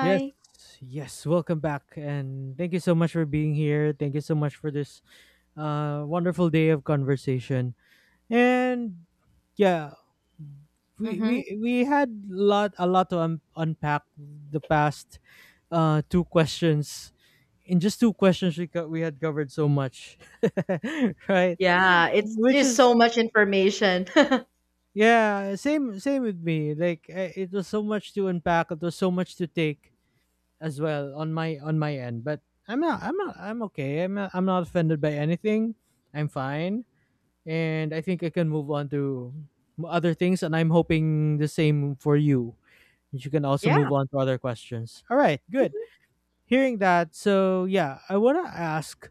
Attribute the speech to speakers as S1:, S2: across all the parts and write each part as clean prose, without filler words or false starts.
S1: Yes, yes. Welcome back, and thank you so much for being here. Thank you so much for this wonderful day of conversation. And yeah, we
S2: Mm-hmm.
S1: we we had lot to unpack the past two questions. In just two questions, we had covered so much, right?
S2: Yeah, it's
S1: Which
S2: just
S1: is
S2: so much information.
S1: yeah, same with me. Like it was so much to unpack. It was so much to take as well on my end. But I'm okay. I'm not offended by anything. I'm fine, and I think I can move on to other things. And I'm hoping the same for you. You can also move
S2: yeah.
S1: on to other questions. All right, good. Hearing that, so yeah, I wanna ask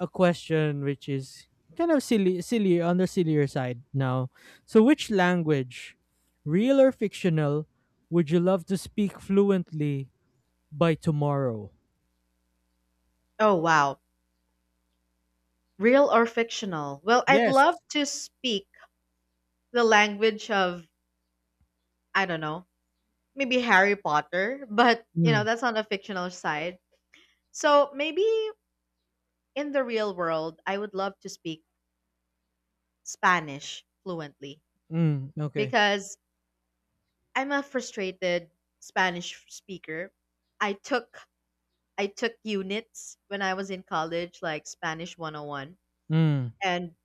S1: a question which is kind of silly, silly on the sillier side now. So, which language, real or fictional, would you love to speak fluently by tomorrow?
S2: Oh, wow. Real or fictional? Well, I'd
S1: Yes.
S2: love to speak the language of, I don't know, maybe Harry Potter, but, you know,
S1: Mm,
S2: that's on the fictional side. So maybe in the real world, I would love to speak Spanish fluently
S1: mm, okay.
S2: because I'm a frustrated Spanish speaker. I took I took units when I was in college, like Spanish 101,
S1: Mm,
S2: and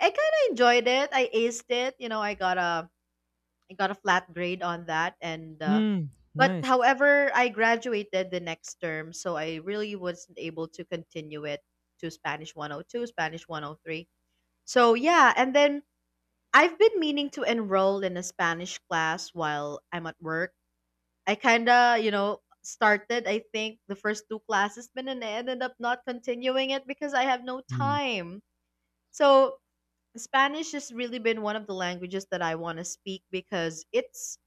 S2: I kind of enjoyed it. I aced it. You know, I got a flat grade on that, and
S1: mm,
S2: but
S1: nice.
S2: however, I graduated the next term, so I really wasn't able to continue it to Spanish 102, Spanish 103. So yeah, and then I've been meaning to enroll in a Spanish class while I'm at work. I kind of started, I think, the first two classes, but then I ended up not continuing it because I have no
S1: Mm,
S2: time. So Spanish has really been one of the languages that I want to speak because it's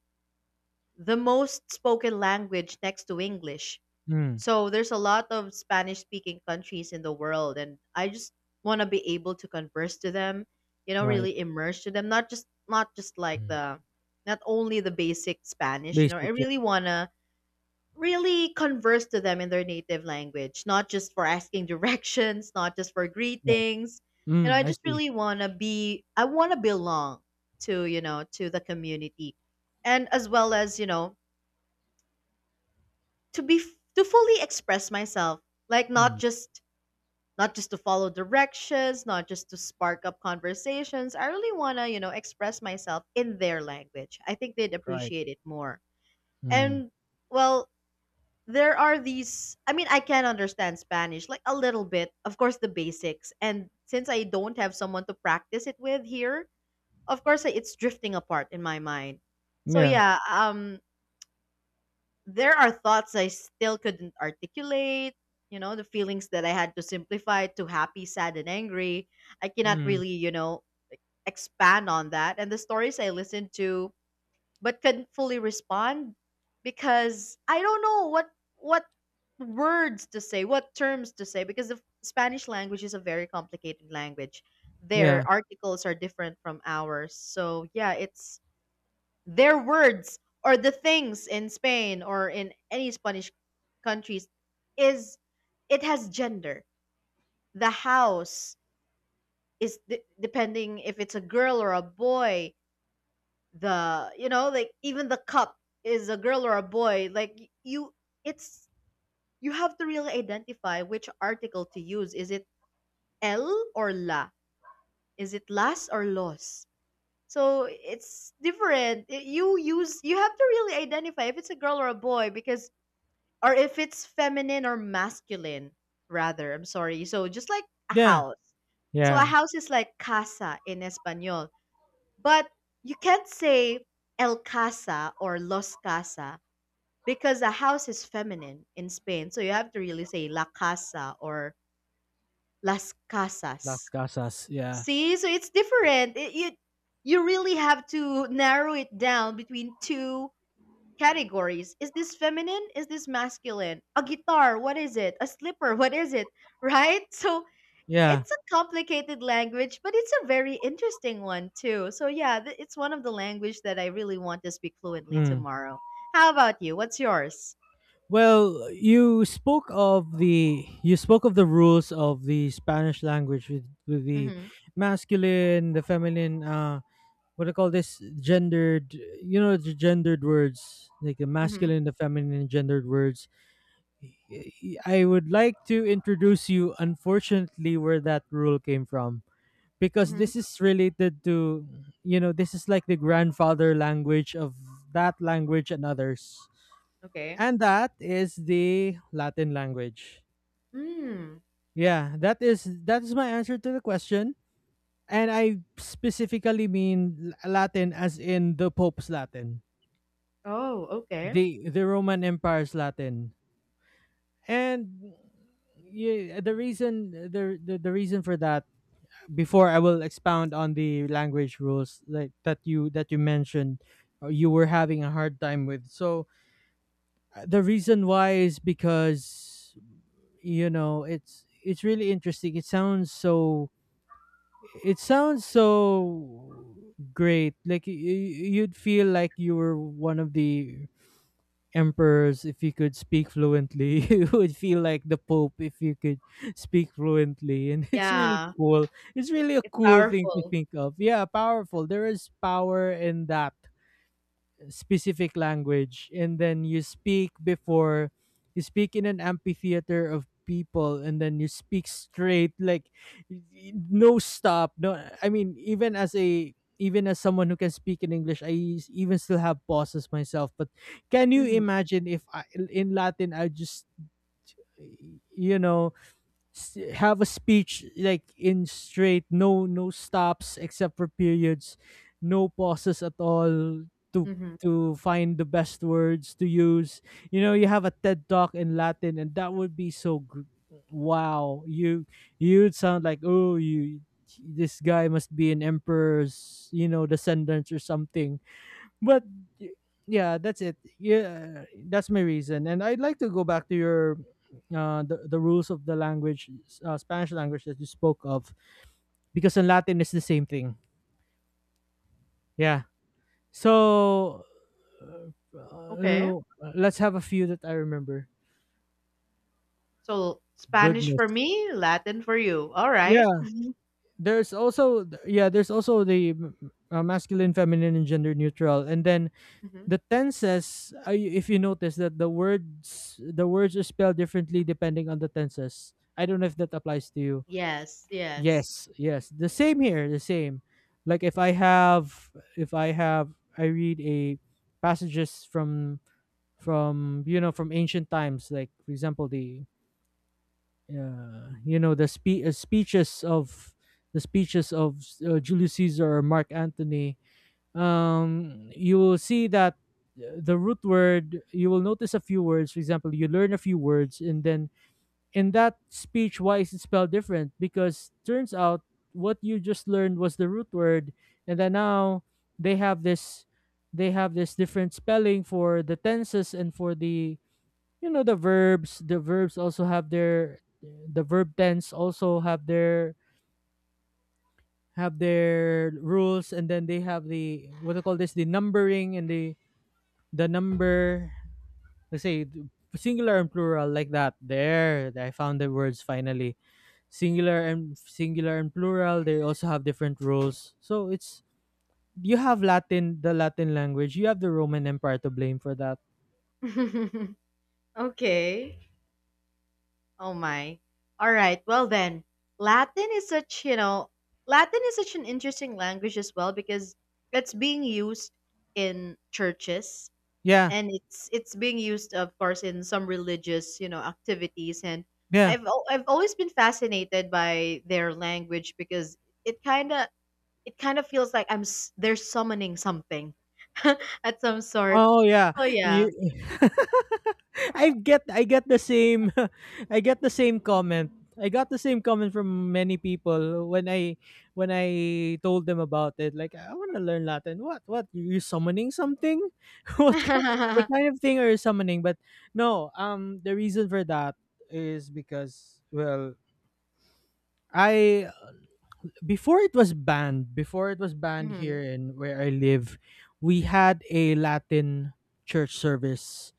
S2: the most spoken language next to English.
S1: mm,
S2: So there's a lot of Spanish speaking countries in the world, and I just want to be able to converse to them, you know,
S1: right.
S2: really immerse to them, not just like
S1: Mm.
S2: the not only the basic Spanish, you know. I
S1: Basic, yeah.
S2: really want to really converse to them in their native language, not just for asking directions, not just for
S1: Yeah.
S2: greetings. You know,
S1: Mm,
S2: I
S1: I
S2: just
S1: see.
S2: really want to be, I want to belong to, you know, to the community. And as well as, you know, to be, to fully express myself, like
S1: Mm,
S2: not just, not just to follow directions, not just to spark up conversations. I really want to, you know, express myself in their language. I think they'd
S1: right.
S2: appreciate it more.
S1: Mm,
S2: And well, there are these. I mean, I can understand Spanish, like a little bit, of course the basics, and since I don't have someone to practice it with here, of course it's drifting apart in my mind. So
S1: yeah.
S2: yeah, there are thoughts I still couldn't articulate, you know, the feelings that I had to simplify to happy, sad, and angry. I cannot
S1: Mm,
S2: really, you know, expand on that, and the stories I listened to but can not fully respond because I don't know what words to say, what terms to say, because the Spanish language is a very complicated language.
S1: yeah.
S2: Their articles are different from ours. So, yeah, it's their words or the things in Spain or in any Spanish countries is it has gender. The house is depending if it's a girl or a boy, the, you know, like even the cup is a girl or a boy, like you, it's you have to really identify which article to use. Is it el or la? Is it las or los? So it's different. You use, you have to really identify if it's a girl or a boy because, or if it's feminine or masculine rather, I'm sorry. So just like a
S1: Yeah.
S2: house, so a
S1: Yeah.
S2: house is like casa in espanol, but you can't say El Casa or Los Casa because a house is feminine in Spain. So you have to really say La Casa or Las
S1: Las
S2: Casas.
S1: Casas. Yeah.
S2: See? So it's different. It, you really have to narrow it down between two categories. Is this feminine? Is this masculine? A guitar, what is it? A slipper, what is it? Right? So
S1: Yeah.
S2: it's a complicated language, but it's a very interesting one too. So yeah, it's one of the language that I really want to speak fluently
S1: Mm.
S2: tomorrow. How about you? What's yours?
S1: Well, you spoke of the rules of the Spanish language with the
S2: Mhm.
S1: masculine, the feminine, what do you call this gendered, you know, the gendered words like the
S2: Mhm.
S1: masculine and the feminine and gendered words. I would like to introduce you, unfortunately, where that rule came from, because
S2: Mhm.
S1: this is related to, you know, this is like the grandfather language of that language and others,
S2: Okay.
S1: and that is the Latin language.
S2: Mm.
S1: Yeah, that is my answer to the question, and I specifically mean Latin as in the Pope's Latin,
S2: Oh, okay.
S1: the Roman Empire's Latin, and yeah, the reason for that. Before I will expound on the language rules like that you mentioned, or you were having a hard time with. So the reason why is because, you know, it's really interesting. It sounds so great. Like you'd feel like you were one of the emperors if you could speak fluently, you would feel like the Pope if you could speak fluently, and it's really
S2: Yeah,
S1: cool, it's really a
S2: it's
S1: cool thing to
S2: powerful.
S1: think of. Yeah, powerful, there is power in that specific language. And then you speak in an amphitheater of people, and then you speak straight, like no stop, no, I mean, even as someone who can speak in English, I even still have pauses myself, but can you
S2: Mhm.
S1: imagine if I, in Latin, I just, you know, have a speech like in straight, no stops except for periods, no pauses at all, to
S2: Mhm.
S1: to find the best words to use. You know, you have a TED talk in Latin, and that would be so wow, you, you'd sound like, oh, you, this guy must be an emperor's, you know, descendants or something. But y- yeah, that's it. Yeah, that's my reason, and I'd like to go back to your the rules of the language, Spanish language that you spoke of, because in Latin it's the same thing, yeah. So
S2: Okay.
S1: uh, let's have a few that I remember.
S2: So Spanish
S1: Goodness,
S2: for me, Latin for you. All right.
S1: yeah, there's also yeah, there's also the masculine, feminine, and gender neutral, and then the tenses. If you notice that the words are spelled differently depending on the tenses. I don't know if that applies to you.
S2: Yes, yes.
S1: Yes, yes. The same here, the same. Like if I have I read a passages from you know, from ancient times, like for example the you know, the speeches of Julius Caesar or Mark Antony. You will see that the root word, you will notice a few words, for example, you learn a few words, and then in that speech, why is it spelled different? Because turns out what you just learned was the root word. And then now they have this they have this different spelling for the tenses, and for the, you know, the verbs also have their, the verb tense also have their, have their rules. And then they have the, what do you call this, the numbering and the number. Let's say singular and plural. Like that, there, I found the words finally, singular and plural. They also have different rules. So it's, you have Latin, the Latin language, you have the Roman Empire to blame for that.
S2: okay. Oh my. All right. Well then, Latin is such, you know, Latin is such an interesting language as well because it's being used in churches,
S1: Yeah,
S2: and it's being used, of course, in some religious, you know, activities. And
S1: yeah.
S2: I've always been fascinated by their language because it kind of it kind of feels like they're summoning something at some sort.
S1: Oh yeah.
S2: So yeah.
S1: You I get the same I get the same comment. I got the same comment from many people when I told them about it. Like, I want to learn Latin. What, you summoning something? What kind, what kind of thing are you summoning? But no, the reason for that is because, well, I before it was banned here
S2: Mhm.
S1: in where I live, we had a Latin church service,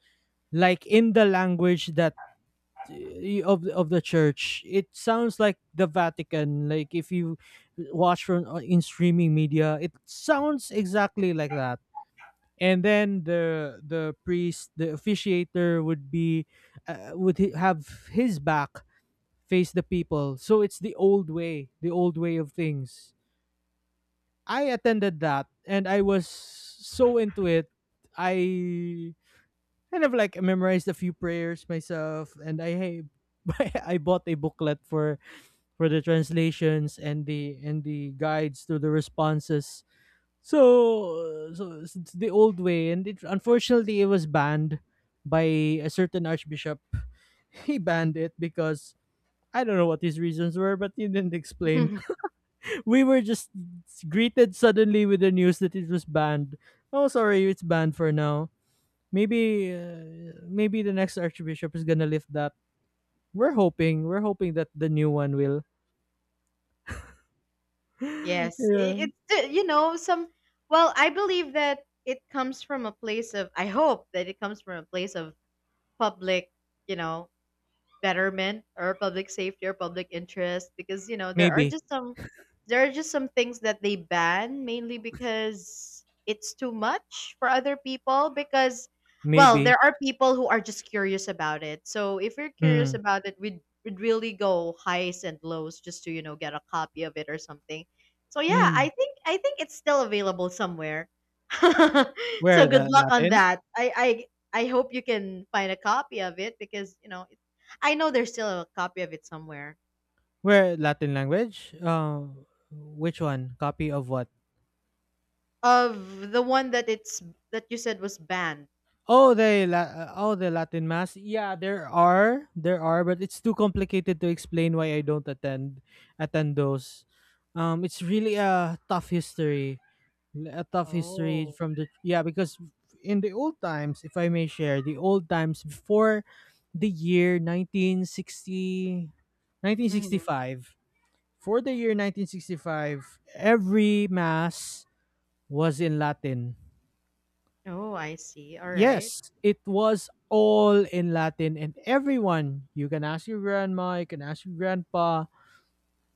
S1: like in the language that, of the church. It sounds like the Vatican. Like if you watch from in streaming media, it sounds exactly like that. And then the priest, the officiator, would be, have his back face the people. So it's the old way, of things. I attended that, and I was so into it. I kind of like memorized a few prayers myself, and I bought a booklet for the translations and the, and the guides to the responses. So so it's the old way, and, it unfortunately, it was banned by a certain archbishop. He banned it because, I don't know what his reasons were, but he didn't explain. We were just greeted suddenly with the news that it was banned. Oh, sorry, it's banned for now. Maybe maybe the next archbishop is gonna lift that. We're hoping that the new one will.
S2: Yes,
S1: Yeah.
S2: it, you know, some. Well, I believe that it comes from a place of. I hope that it comes from a place of public, you know, betterment or public safety or public interest, because you know there are
S1: Maybe,
S2: just some, there are just some things that they ban mainly because it's too much for other people. Because well,
S1: maybe.
S2: there are people who are just curious about it, so if you're curious
S1: Mm.
S2: about it, we'd really go highs and lows just to, you know, get a copy of it or something. So yeah,
S1: Mm.
S2: I think it's still available somewhere. So
S1: Where
S2: good
S1: the
S2: luck on
S1: Latin?
S2: that. I I hope you can find a copy of it, because you know I know there's still a copy of it somewhere.
S1: Where Latin language? Which one? Copy of what?
S2: Of the one that it's that you said was banned.
S1: Oh, the oh, the Latin mass. Yeah, there are, but it's too complicated to explain why I don't attend those. It's really a tough history, a tough history
S2: Oh.
S1: from the, yeah, because in the old times, if I may share, the old times before the year 1960, nineteen sixty
S2: Mm-hmm.
S1: five. for the year 1965, every mass was in Latin.
S2: Oh, I see. All
S1: Yes,
S2: right.
S1: it was all in Latin, and everyone, you can ask your grandma, you can ask your grandpa,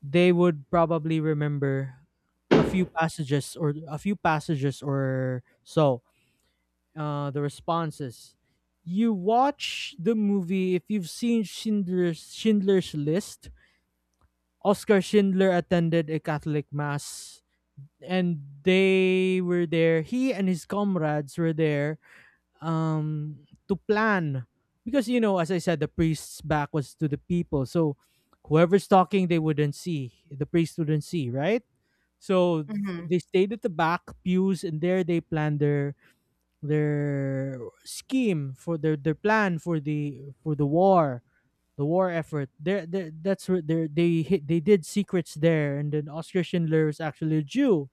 S1: they would probably remember a few passages, or a few passages or so, the responses. You watch the movie, if you've seen Schindler's List. Oscar Schindler attended a Catholic mass, and they were there. He and his comrades were there to plan, because, you know, as I said, the priest's back was to the people, so whoever's talking, they wouldn't see. The priest wouldn't see, right? So
S2: Mm-hmm.
S1: they stayed at the back pews, and there they planned their their plan for the, for the war, the war effort there. That's where they hit, they did secrets there. And then Oscar Schindler is actually a Jew,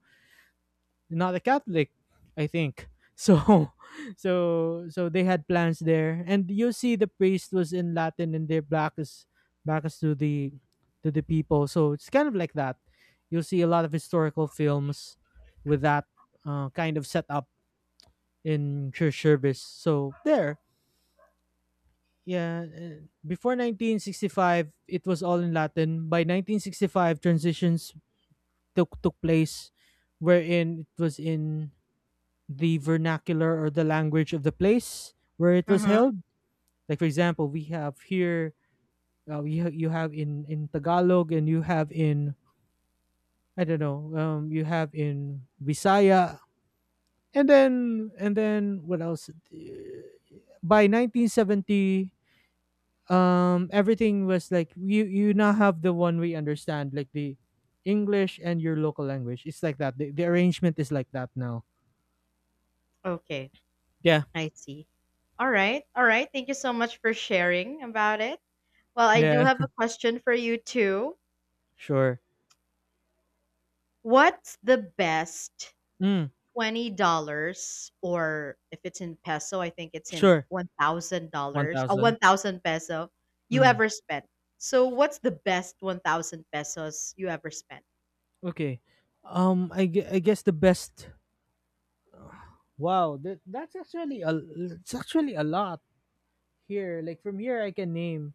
S1: not a Catholic, I think. So so so they had plans there, and you see the priest was in Latin, and they're, is back to the, to the people. So it's kind of like that. You'll see a lot of historical films with that kind of setup in church service. So there, yeah. Before 1965, it was all in Latin. By 1965, transitions took place, wherein it was in the vernacular, or the language of the place where it was
S2: Mm-hmm.
S1: held. Like for example, we have here, you have in Tagalog, and you have in, I don't know, you have in Visaya, and then what else? Uh, By 1970, um, everything was like, you now have the one we understand, like the English and your local language. It's like that. The arrangement is like that now,
S2: Okay.
S1: yeah.
S2: I see. All right. All right. Thank you so much for sharing about it. Well, I do
S1: Yeah,
S2: have a question for you too.
S1: sure.
S2: What's the best
S1: Mm,
S2: $20, or if it's in peso, I think it's in
S1: sure.
S2: $1,000 a
S1: 1000.
S2: 1,000 peso you
S1: Mm,
S2: ever spent. So what's the best 1,000 pesos you ever spent?
S1: okay. I guess the best, wow, that's actually a, it's actually a lot here. Like from here I can name,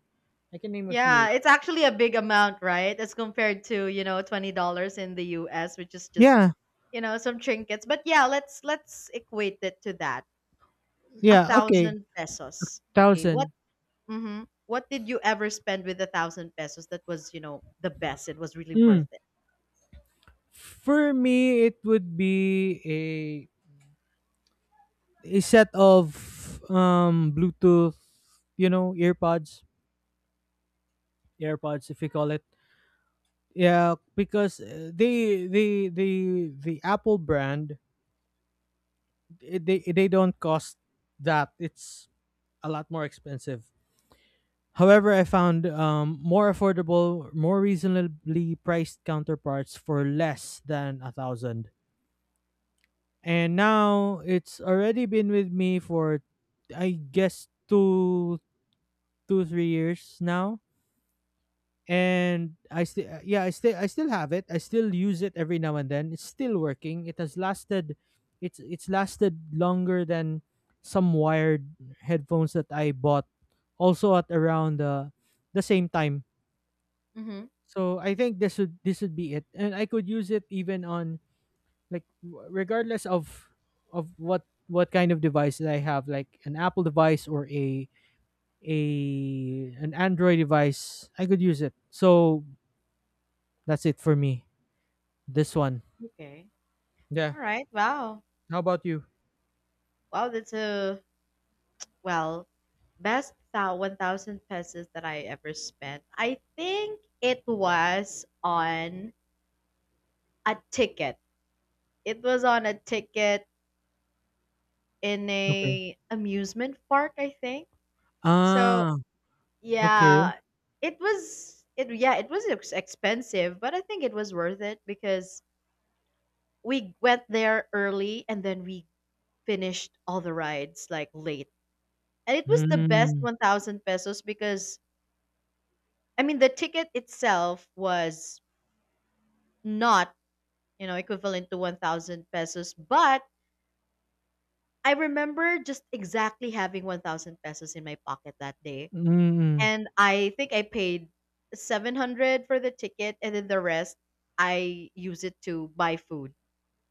S1: I can name a few.
S2: Yeah, it's actually a big amount, right? As compared to, you know, $20 in the US, which is just,
S1: Yeah,
S2: you know, some trinkets. But yeah, let's equate it to that. A
S1: yeah, okay.
S2: thousand pesos. Okay. What
S1: 1000.
S2: mm-hmm. What did you ever spend with a thousand pesos that was, you know, the best? It was really
S1: Mm.
S2: worth it.
S1: For me, it would be a set of Bluetooth, you know, earpods, AirPods, if you call it. Yeah, because they, the Apple brand, eh, they don't cost that. It's a lot more expensive. However, I found more affordable, more reasonably priced counterparts for less than a thousand. And now it's already been with me for, I guess, 3 years now and I still, yeah, I still have it. I still use it every now and then. It's still working. It has lasted. It's lasted longer than some wired headphones that I bought, also at around the same time.
S2: Mm-hmm.
S1: So I think this would be it, and I could use it even on like regardless of what kind of device that I have, like an Apple device or a an Android device. I could use it. So that's it for me. This one.
S2: Okay.
S1: Yeah.
S2: All right. Wow.
S1: How about you?
S2: Wow. That's a well best thou 1,000 pesos that I ever spent. I think it was on a ticket. It was on a ticket in
S1: Okay.
S2: a amusement park. I think so.
S1: Ah, okay.
S2: Yeah. It was. It yeah. It was expensive, but I think it was worth it because we went there early, and then we finished all the rides like late. And it was the best
S1: Mm.
S2: 1,000 pesos because I mean, the ticket itself was not, you know, equivalent to 1,000 pesos, but I remember just exactly having 1,000 pesos in my pocket that day.
S1: Mm,
S2: And I think I paid 700 for the ticket, and then the rest I use it to buy food.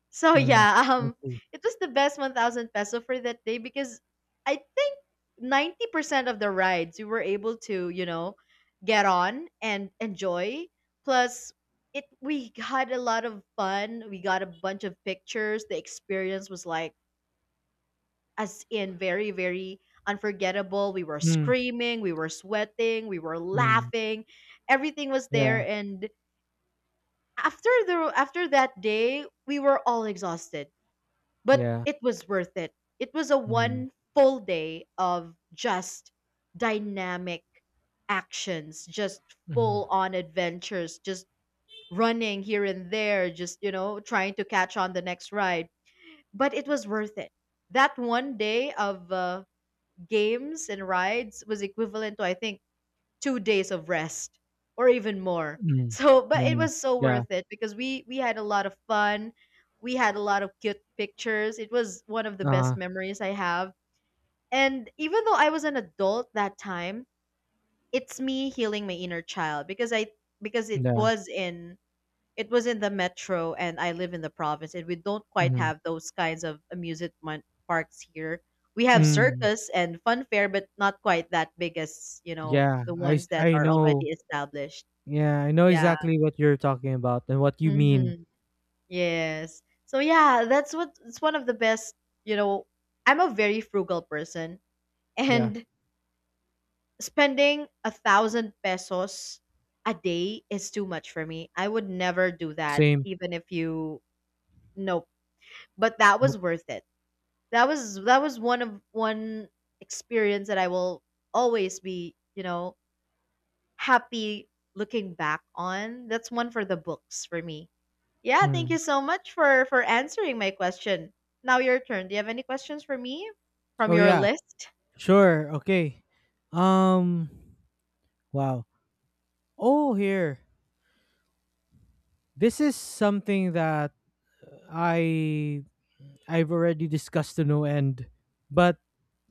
S2: So
S1: mm.
S2: yeah,
S1: I see.
S2: it was the best 1,000 peso for that day because I think 90% of the rides we were able to, you know, get on and enjoy. Plus, it we had a lot of fun. We got a bunch of pictures. The experience was like as in very, very unforgettable. We were
S1: Mm,
S2: screaming, we were sweating, we were
S1: mm.
S2: laughing. Everything was there,
S1: Yeah,
S2: and after that day, we were all exhausted, but
S1: yeah.
S2: it was worth it. It was a
S1: Mm,
S2: one full day of just dynamic actions, just
S1: mm,
S2: full on adventures, just running here and there, just, you know, trying to catch on the next ride. But it was worth it. That one day of games and rides was equivalent to, I think, 2 days of rest or even more.
S1: mm.
S2: So, but it
S1: More.
S2: was so
S1: Yeah.
S2: worth it because we had a lot of fun. We had a lot of cute pictures. It was one of the
S1: Uh,
S2: best memories I have. And even though I was an adult that time, it's me healing my inner child because I, because it
S1: yeah.
S2: was in, it was in the metro, and I live in the province, and we don't quite
S1: Mm,
S2: have those kinds of amusement parks here. We have
S1: mm.
S2: circus and fun fair, but not quite that big as, you know,
S1: Yeah,
S2: the
S1: I
S2: ones that
S1: I
S2: are
S1: know.
S2: already established.
S1: Yeah, I know
S2: Yeah.
S1: exactly what you're talking about and what you mean.
S2: Mm-hmm. Yes. So yeah, that's what it's one of the best, you know, I'm a very frugal person,
S1: Yeah.
S2: and spending a thousand pesos a day is too much for me. I would never do that,
S1: Same.
S2: even if you nope. But that was
S1: Nope.
S2: worth it. That was, that was one of one experience that I will always be, you know, happy looking back on. That's one for the books for me. Yeah, thank
S1: Mm.
S2: you so much for answering my question. Now your turn. Do you have any questions for me from
S1: Oh
S2: your
S1: yeah.
S2: list?
S1: Sure. Okay. Um wow. Oh, here. This is something that I I've already discussed to no end, but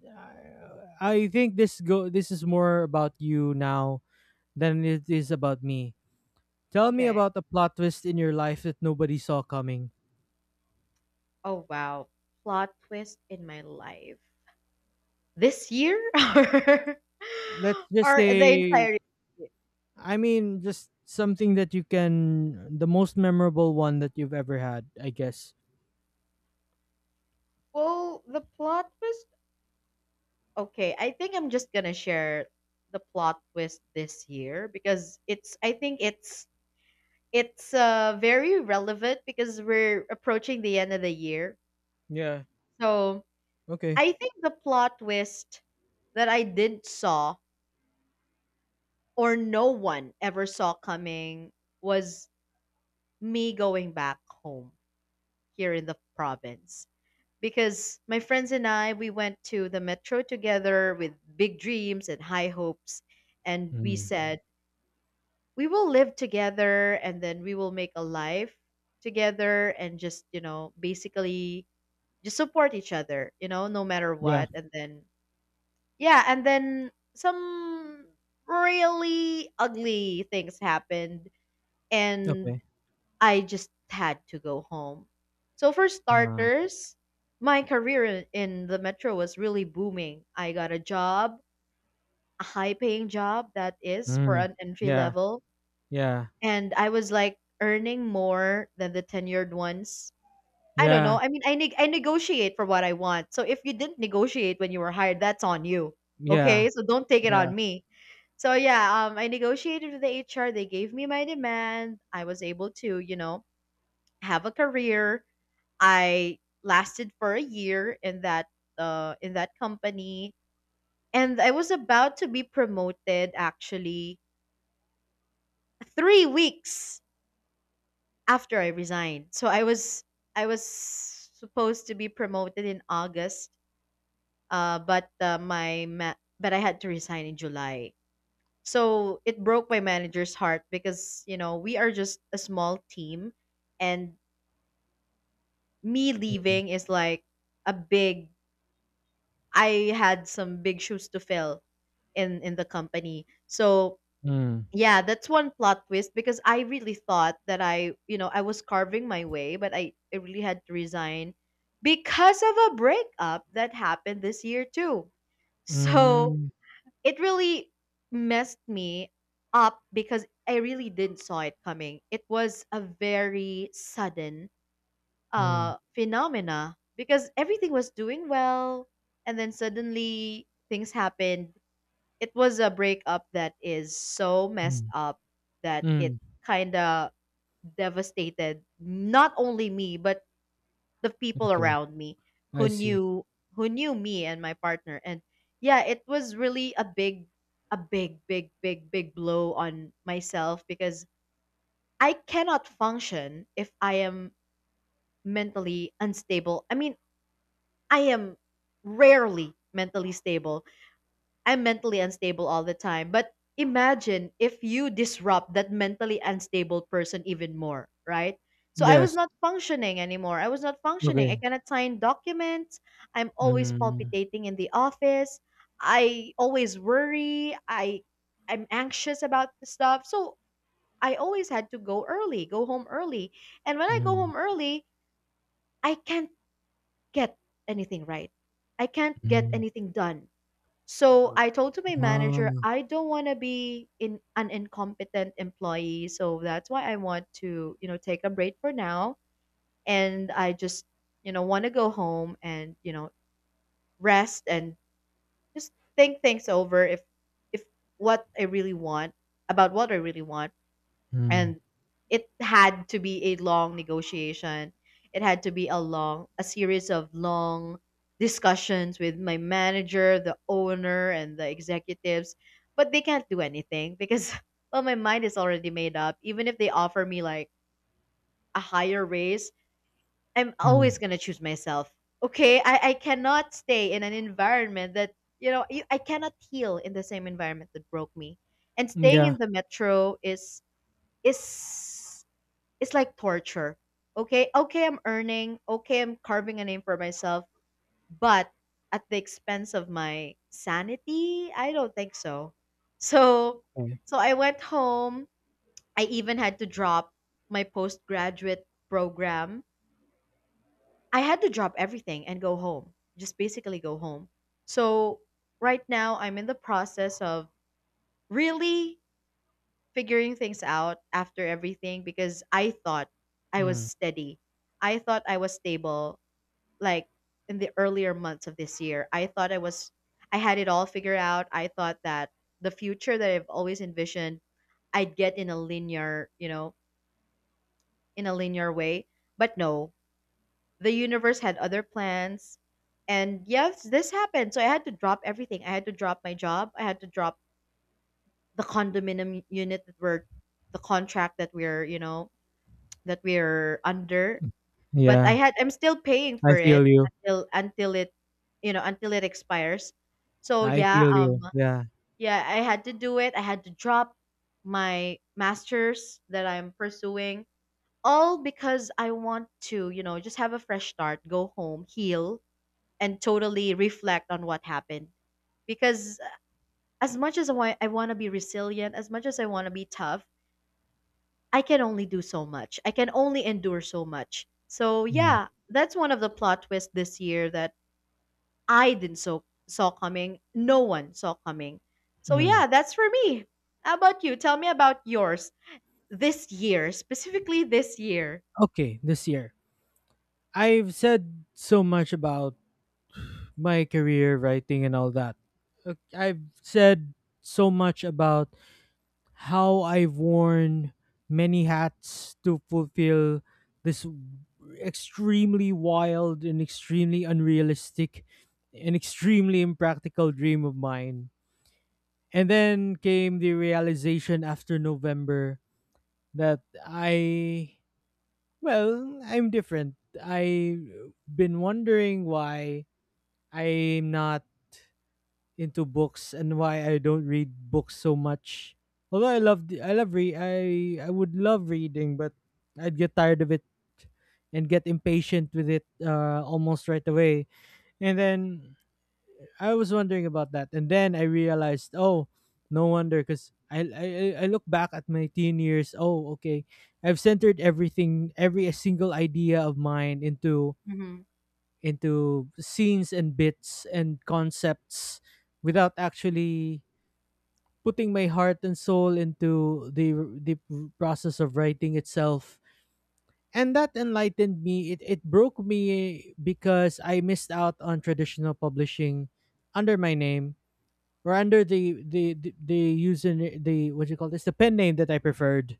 S1: I think this is more about you now than it is about me. Tell me
S2: Okay.
S1: about the plot twist in your life that nobody saw coming.
S2: Oh wow. Plot twist in my life. This year, or
S1: Let's just
S2: or the
S1: say,
S2: entire year?
S1: I mean, just something that you can the most memorable one that you've ever had, I guess.
S2: Well, the plot twist okay, I think I'm just gonna share the plot twist this year because it's I think it's very relevant because we're approaching the end of the year.
S1: Yeah.
S2: So
S1: Okay.
S2: I think the plot twist that I didn't saw, or no one ever saw coming, was me going back home here in the province. Because my friends and I, we went to the metro together with big dreams and high hopes, and we
S1: Mm.
S2: said we will live together and then we will make a life together and just, basically just support each other, no matter
S1: Yeah.
S2: what, and then yeah, and then some really ugly things happened, and
S1: Okay.
S2: I just had to go home. So for
S1: Uh,
S2: starters, my career in the metro was really booming. I got a job, a high paying job that is for
S1: mm.
S2: an entry
S1: Yeah.
S2: level.
S1: Yeah.
S2: And I was like earning more than the tenured ones. I don't
S1: Yeah.
S2: know. I mean, I negotiate for what I want. So if you didn't negotiate when you were hired, that's on you.
S1: Yeah.
S2: Okay? So don't take it
S1: Yeah.
S2: on me. So yeah, I negotiated with the HR. They gave me my demand. I was able to, you know, have a career. I lasted for a year in that company, and I was about to be promoted actually 3 weeks after I resigned. So I was supposed to be promoted in August, but I had to resign in July. So it broke my manager's heart because, you know, we are just a small team, and me
S1: Mm.
S2: leaving is like a big. I had some big shoes to fill in the company. So
S1: Mm.
S2: yeah, that's one plot twist because I really thought that, I, you know, I was carving my way, but I really had to resign because of a breakup that happened this year too. So
S1: Mm,
S2: it really messed me up because I really didn't saw it coming. It was a very sudden
S1: mm,
S2: phenomena because everything was doing well, and then suddenly things happened. It was a breakup that is so messed
S1: mm,
S2: up that it
S1: mm,
S2: kind of devastated not only me but the people
S1: okay,
S2: around me,
S1: I
S2: who
S1: see.
S2: knew, who knew me and my partner. And yeah, it was really a big, a big, big, big, big blow on myself because I cannot function if I am mentally unstable. I mean, I am rarely mentally stable. I'm mentally unstable all the time. But imagine if you disrupt that mentally unstable person even more, right? So I was
S1: Yes,
S2: not functioning anymore. I was not functioning. I
S1: okay.
S2: cannot sign documents. I'm always
S1: Mm,
S2: palpitating in the office. I always worry. I'm anxious about the stuff. So I always had to go early, go home early. And when I go
S1: mm,
S2: home early, I can't get anything right. I can't get
S1: mm.
S2: anything done. So I told to my
S1: Ah,
S2: manager,
S1: mm,
S2: I don't want to be in an incompetent employee. So that's why I want to, you know, take a break for now. And I just, you know, want to go home and, you know, rest and just think things over if what I really want, about what I really want.
S1: mm,
S2: And it had to be a long negotiation. It had to be a series of long discussions with my manager, the owner, and the executives. But they can't do anything because well, my mind is already made up. Even if they offer me like a higher raise, I'm
S1: mm,
S2: always going to choose myself. Okay, I cannot stay in an environment that, I cannot heal in the same environment that broke me. And staying
S1: yeah,
S2: in the metro is, it's like torture. Okay, okay, I'm earning. Okay, I'm carving a name for myself, but at the expense of my sanity, I don't think so. So,
S1: okay.
S2: so I went home. I even had to drop my postgraduate program. I had to drop everything and go home. Just basically go home. So, right now I'm in the process of really figuring things out after everything because I thought I was
S1: Mm,
S2: steady. I thought I was stable, like in the earlier months of this year. I thought I had it all figured out. I thought that the future that I've always envisioned, I'd get in a linear, you know, in a linear way. But no, the universe had other plans. And yes, this happened. So I had to drop everything. I had to drop my job. I had to drop the condominium unit the contract that we're, you know, that we're under, but
S1: yeah,
S2: I'm still paying
S1: I
S2: for it
S1: feel you.
S2: until it, you know, until it expires. So
S1: I
S2: yeah,
S1: feel you. Yeah.
S2: yeah, I had to do it. I had to drop my masters that I'm pursuing, all because I want to, you know, just have a fresh start, go home, heal, and totally reflect on what happened. Because as much as I want to be resilient, as much as I want to be tough, I can only do so much. I can only endure so much. So
S1: Mm,
S2: yeah, that's one of the plot twists this year that I didn't saw coming. No one saw coming. So
S1: mm.
S2: yeah, that's for me. How about you? Tell me about yours this year, specifically this year.
S1: Okay, this year. I've said so much about my career, writing, and all that. I've said so much about how I've worn many hats to fulfill this extremely wild and extremely unrealistic and extremely impractical dream of mine. And then came the realization after November that I, well, I'm different. I've been wondering why I'm not into books and why I don't read books so much. Although I love I love re I would love reading, but I'd get tired of it and get impatient with it almost right away. And then I was wondering about that, and then I realized, oh, no wonder, because I look back at my teen years. Oh, okay, I've centered everything, every single idea of mine into
S2: Mm-hmm.
S1: scenes and bits and concepts without actually putting my heart and soul into the process of writing itself, and that enlightened me. It broke me because I missed out on traditional publishing under my name or under the what do you call this, the pen name that I preferred,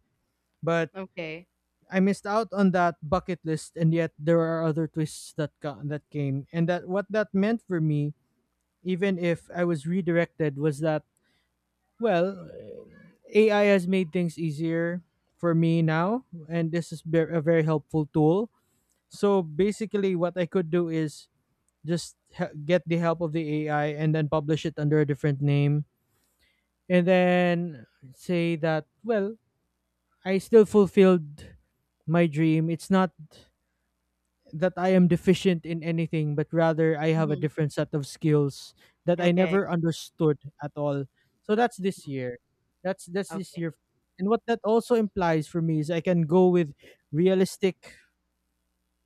S1: but
S2: Okay.
S1: I missed out on that bucket list. And yet there are other twists that that came, and that what that meant for me, even if I was redirected, was that, well, AI has made things easier for me now, and this is a very helpful tool. So basically, what I could do is just get the help of the AI and then publish it under a different name, and then say that, well, I still fulfilled my dream. It's not that I am deficient in anything, but rather I have a
S2: Mm-hmm.
S1: different set of skills that I
S2: Okay.
S1: never understood at all. So that's this
S2: Mhm.
S1: year. That's this
S2: Okay.
S1: year. And what that also implies for me is I can go with realistic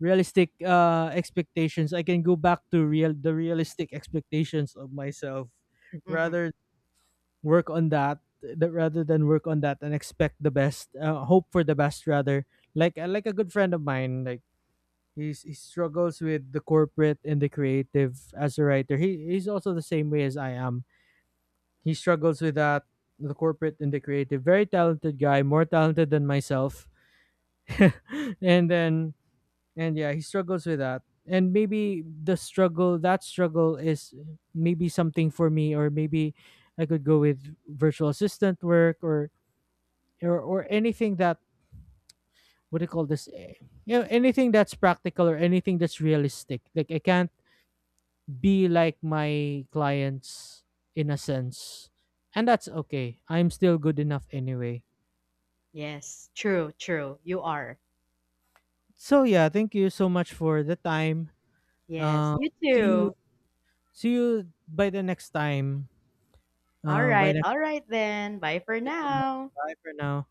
S1: realistic expectations. I can go back to real the realistic expectations of myself,
S2: Mm-hmm.
S1: rather work on rather than work on that and expect the best, hope for the best rather, like a good friend of mine. Like, he struggles with the corporate and the creative as a writer. He's also the same way as I am. He struggles with that, the corporate and the creative. Very talented guy, more talented than myself. and then and yeah, he struggles with that. And maybe the struggle that struggle is maybe something for me, or maybe I could go with virtual assistant work, or or anything that, what do you call this? Eh, you know, anything that's practical or anything that's realistic. Like I can't be like my clients in a sense. And that's okay. I'm still good enough anyway.
S2: Yes. True. True. You are.
S1: So yeah, thank you so much for the time.
S2: Yes.
S1: Uh,
S2: You
S1: see you,
S2: too.
S1: by the next time.
S2: All
S1: By
S2: right.
S1: next
S2: All right then. Bye
S1: Thank
S2: for
S1: you so much.
S2: now.
S1: Bye for now.